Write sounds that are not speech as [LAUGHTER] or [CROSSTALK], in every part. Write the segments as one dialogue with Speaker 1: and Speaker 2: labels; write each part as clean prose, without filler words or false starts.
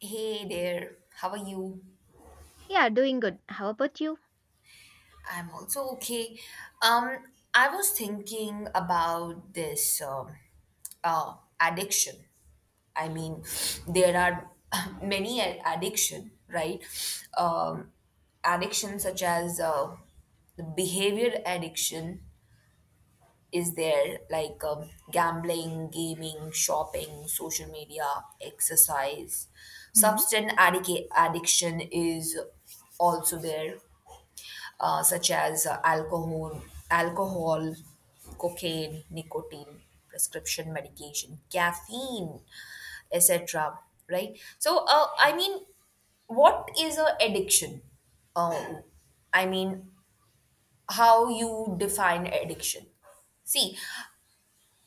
Speaker 1: Hey there, how are you?
Speaker 2: Yeah, doing good. How about you?
Speaker 1: I'm also okay. Um, I was thinking about this uh, addiction. I mean, [SNIFFS] there are [LAUGHS] [CLEARS THROAT] many addiction, right? Um, Addiction such as the behavior addiction is there, like gambling, gaming, shopping, social media, exercise.
Speaker 2: Hmm.
Speaker 1: Addiction is also there such as alcohol, alcohol, cocaine, nicotine, prescription medication, caffeine, etc. Right. So, I mean, what is a addiction? Uh, I mean, how you define addiction? See,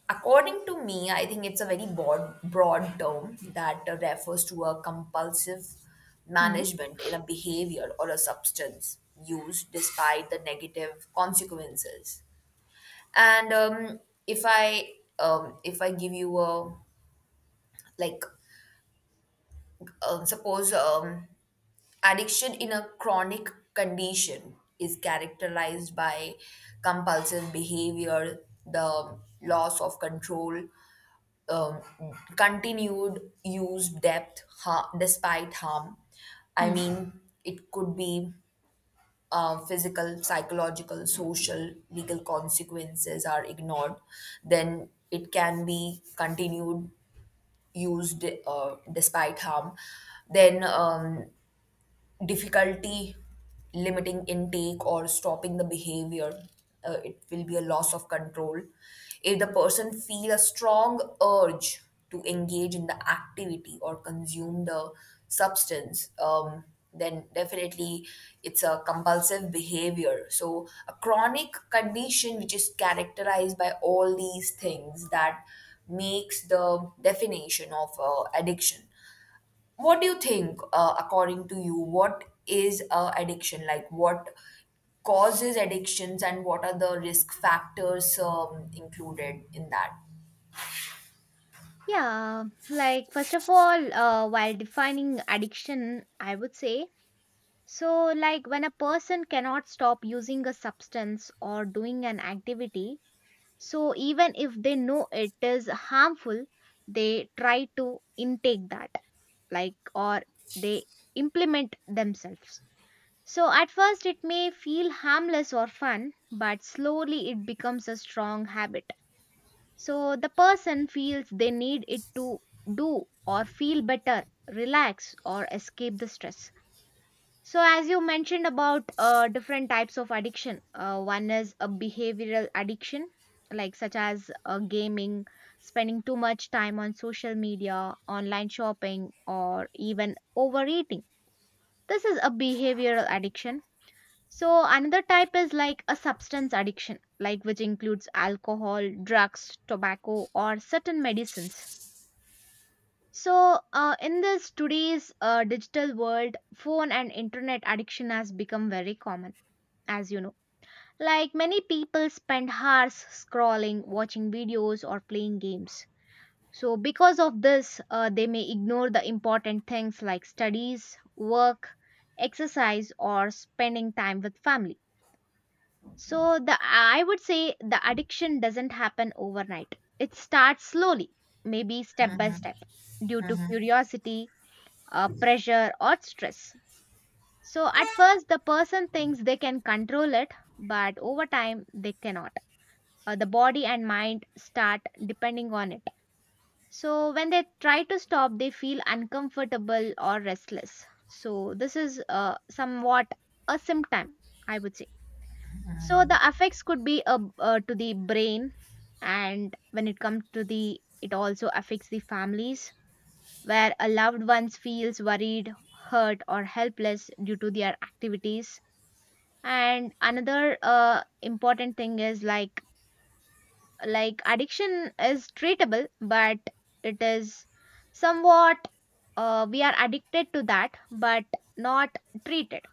Speaker 1: according to me, I think it's a very broad term that refers to a compulsive
Speaker 2: Hmm.
Speaker 1: management in a behavior or a substance used despite the negative consequences. And if I if I give you a like suppose addiction in a chronic condition is characterized by compulsive behavior, the loss of control, um, continued use despite harm. I
Speaker 2: Hmm.
Speaker 1: mean, it could be physical, psychological, social, legal consequences are ignored. Then it can be continued used despite harm. Then difficulty limiting intake or stopping the behavior it will be a loss of control if the person feel a strong urge to engage in the activity or consume the substance then definitely it's a compulsive behavior so a chronic condition which is characterized by all these things that makes the definition of addiction. What do you think, according to you, what is addiction? Like, what causes addictions and what are the risk factors included in that?
Speaker 2: Yeah, like first of all, while defining addiction, I would say so, like when a person cannot stop using a substance or doing an activity, so even if they know it is harmful, they try to intake that, like, or they implement themselves. So at first, it may feel harmless or fun, but slowly it becomes a strong habit. So the person feels they need it to do or feel better, relax, or escape the stress. So, as you mentioned about different types of addiction, one is a behavioral addiction, like such as gaming, spending too much time on social media, online shopping, or even overeating. This is a behavioral addiction, so another type is like a substance addiction, like which includes alcohol, drugs, tobacco, or certain medicines. So in this today's digital world, phone and internet addiction has become very common, as you know. Like many people spend hours scrolling, watching videos, or playing games. So because of this, they may ignore the important things like studies, work, exercise, or spending time with family. So the I would say the addiction doesn't happen overnight. It starts slowly, maybe step by step, due to curiosity, pressure, or stress. So at first, the person thinks they can control it, but over time, they cannot. The body and mind start depending on it. So when they try to stop, they feel uncomfortable or restless. So this is somewhat a symptom, I would say. So the effects could be to the brain, and when it comes to the it also affects the families, where a loved one feels worried, hurt, or helpless due to their activities. And another important thing is like addiction is treatable, but it is somewhat, we are addicted to that but not treated,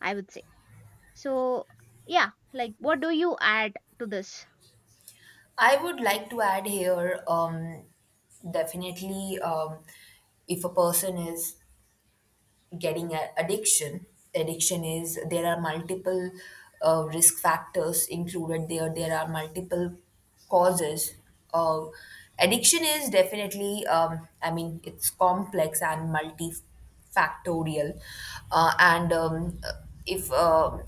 Speaker 2: I would say. So yeah, like what do you add to this?
Speaker 1: I would like to add here definitely if a person is getting a addiction is there are multiple risk factors included there are multiple causes uh, addiction is definitely I mean it's complex and multifactorial and if uh,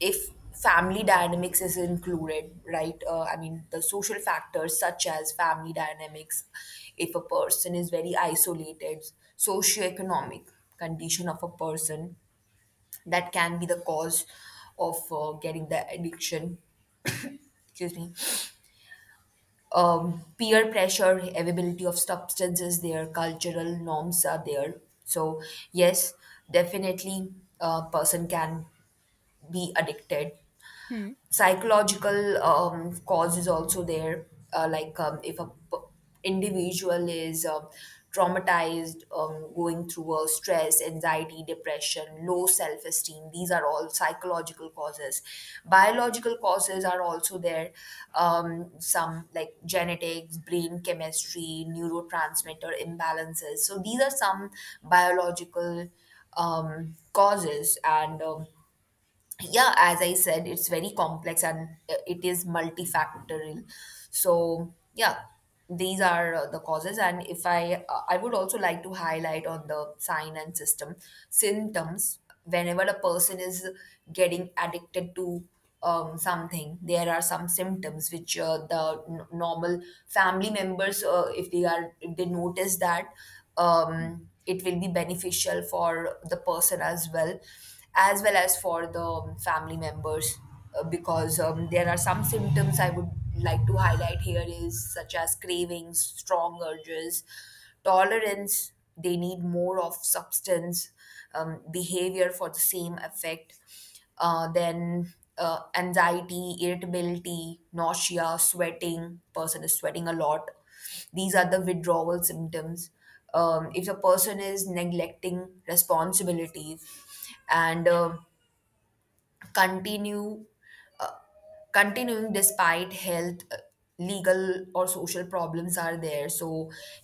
Speaker 1: if family dynamics is included, right? I mean, the social factors such as family dynamics, if a person is very isolated, socioeconomic condition of a person, that can be the cause of getting the addiction. Excuse me. Peer pressure, availability of substances there, cultural norms are there. So, yes, definitely a person can be addicted.
Speaker 2: Hmm.
Speaker 1: Psychological cause is also there like if a individual is traumatized, going through a stress, anxiety, depression, low self-esteem, these are all psychological causes. Biological causes are also there, some like genetics, brain chemistry, neurotransmitter imbalances, so these are some biological causes. And yeah as I said, it's very complex and it is multifactorial, so yeah, these are the causes. And if I would also like to highlight on the sign and system symptoms whenever a person is getting addicted to something. There are some symptoms which the normal family members, if they notice that,
Speaker 2: Mm.
Speaker 1: it will be beneficial for the person as well as well as for the family members, because there are some symptoms I would like to highlight here is such as cravings, strong urges, tolerance, they need more of substance behavior for the same effect. Then anxiety, irritability, nausea, sweating. Person is sweating a lot. These are the withdrawal symptoms. If a person is neglecting responsibilities and continue uh, continuing despite health, legal or social problems are there, so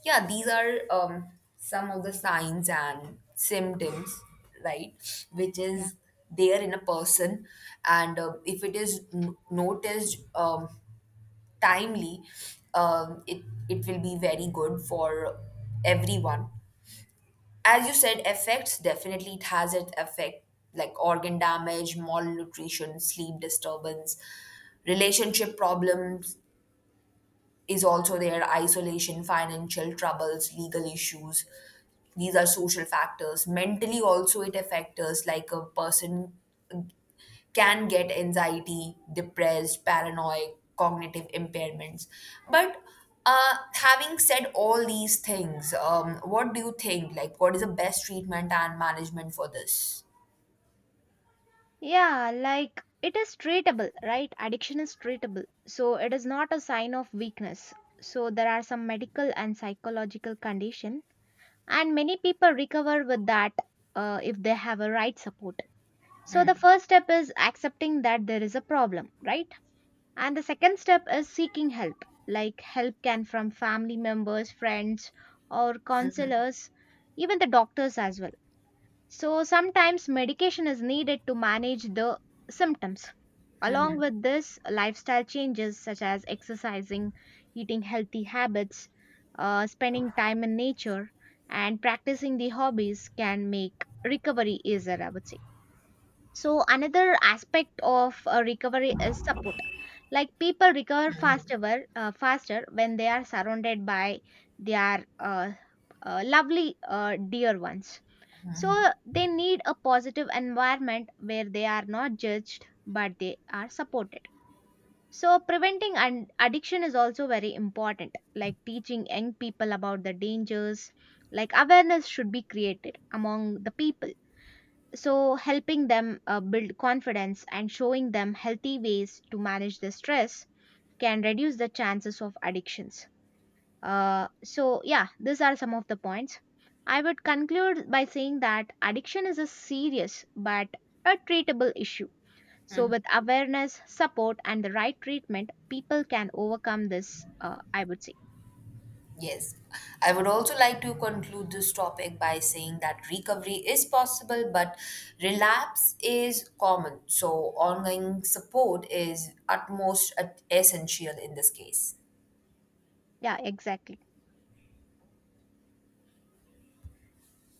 Speaker 1: yeah, these are some of the signs and symptoms, right, which
Speaker 2: Yeah.
Speaker 1: is there in a person. And if it is noticed timely, it it will be very good for everyone. As you said, effects, definitely it has its effect, like organ damage, malnutrition, sleep disturbance, relationship problems is also there, isolation, financial troubles, legal issues. These are social factors. Mentally also it affects us, like a person can get anxiety, depressed, paranoid, cognitive impairments. But having said all these things, what do you think? Like, what is the best treatment and management for this?
Speaker 2: Yeah, like it is treatable, right? Addiction is treatable. So it is not a sign of weakness. So there are some medical and psychological condition, and many people recover with that if they have a right support. So the first step is accepting that there is a problem, right? And the second step is seeking help. Like help can from family members, friends, or counselors, even the doctors as well. So sometimes medication is needed to manage the symptoms. Along with this, lifestyle changes such as exercising, eating healthy habits, spending time in nature, and practicing the hobbies can make recovery easier, I would say. So, another aspect of recovery is support. Like people recover faster, faster when they are surrounded by their lovely, dear ones, so they need a positive environment where they are not judged but they are supported. So preventing and addiction is also very important, like teaching young people about the dangers, like awareness should be created among the people. So helping them build confidence and showing them healthy ways to manage the stress can reduce the chances of addictions. So, yeah, these are some of the points. I would conclude by saying that addiction is a serious but a treatable issue. So, with awareness, support, and the right treatment, people can overcome this, I would say.
Speaker 1: Yes, I would also like to conclude this topic by saying that recovery is possible, but relapse is common. So, ongoing support is utmost essential in this case.
Speaker 2: Yeah, exactly.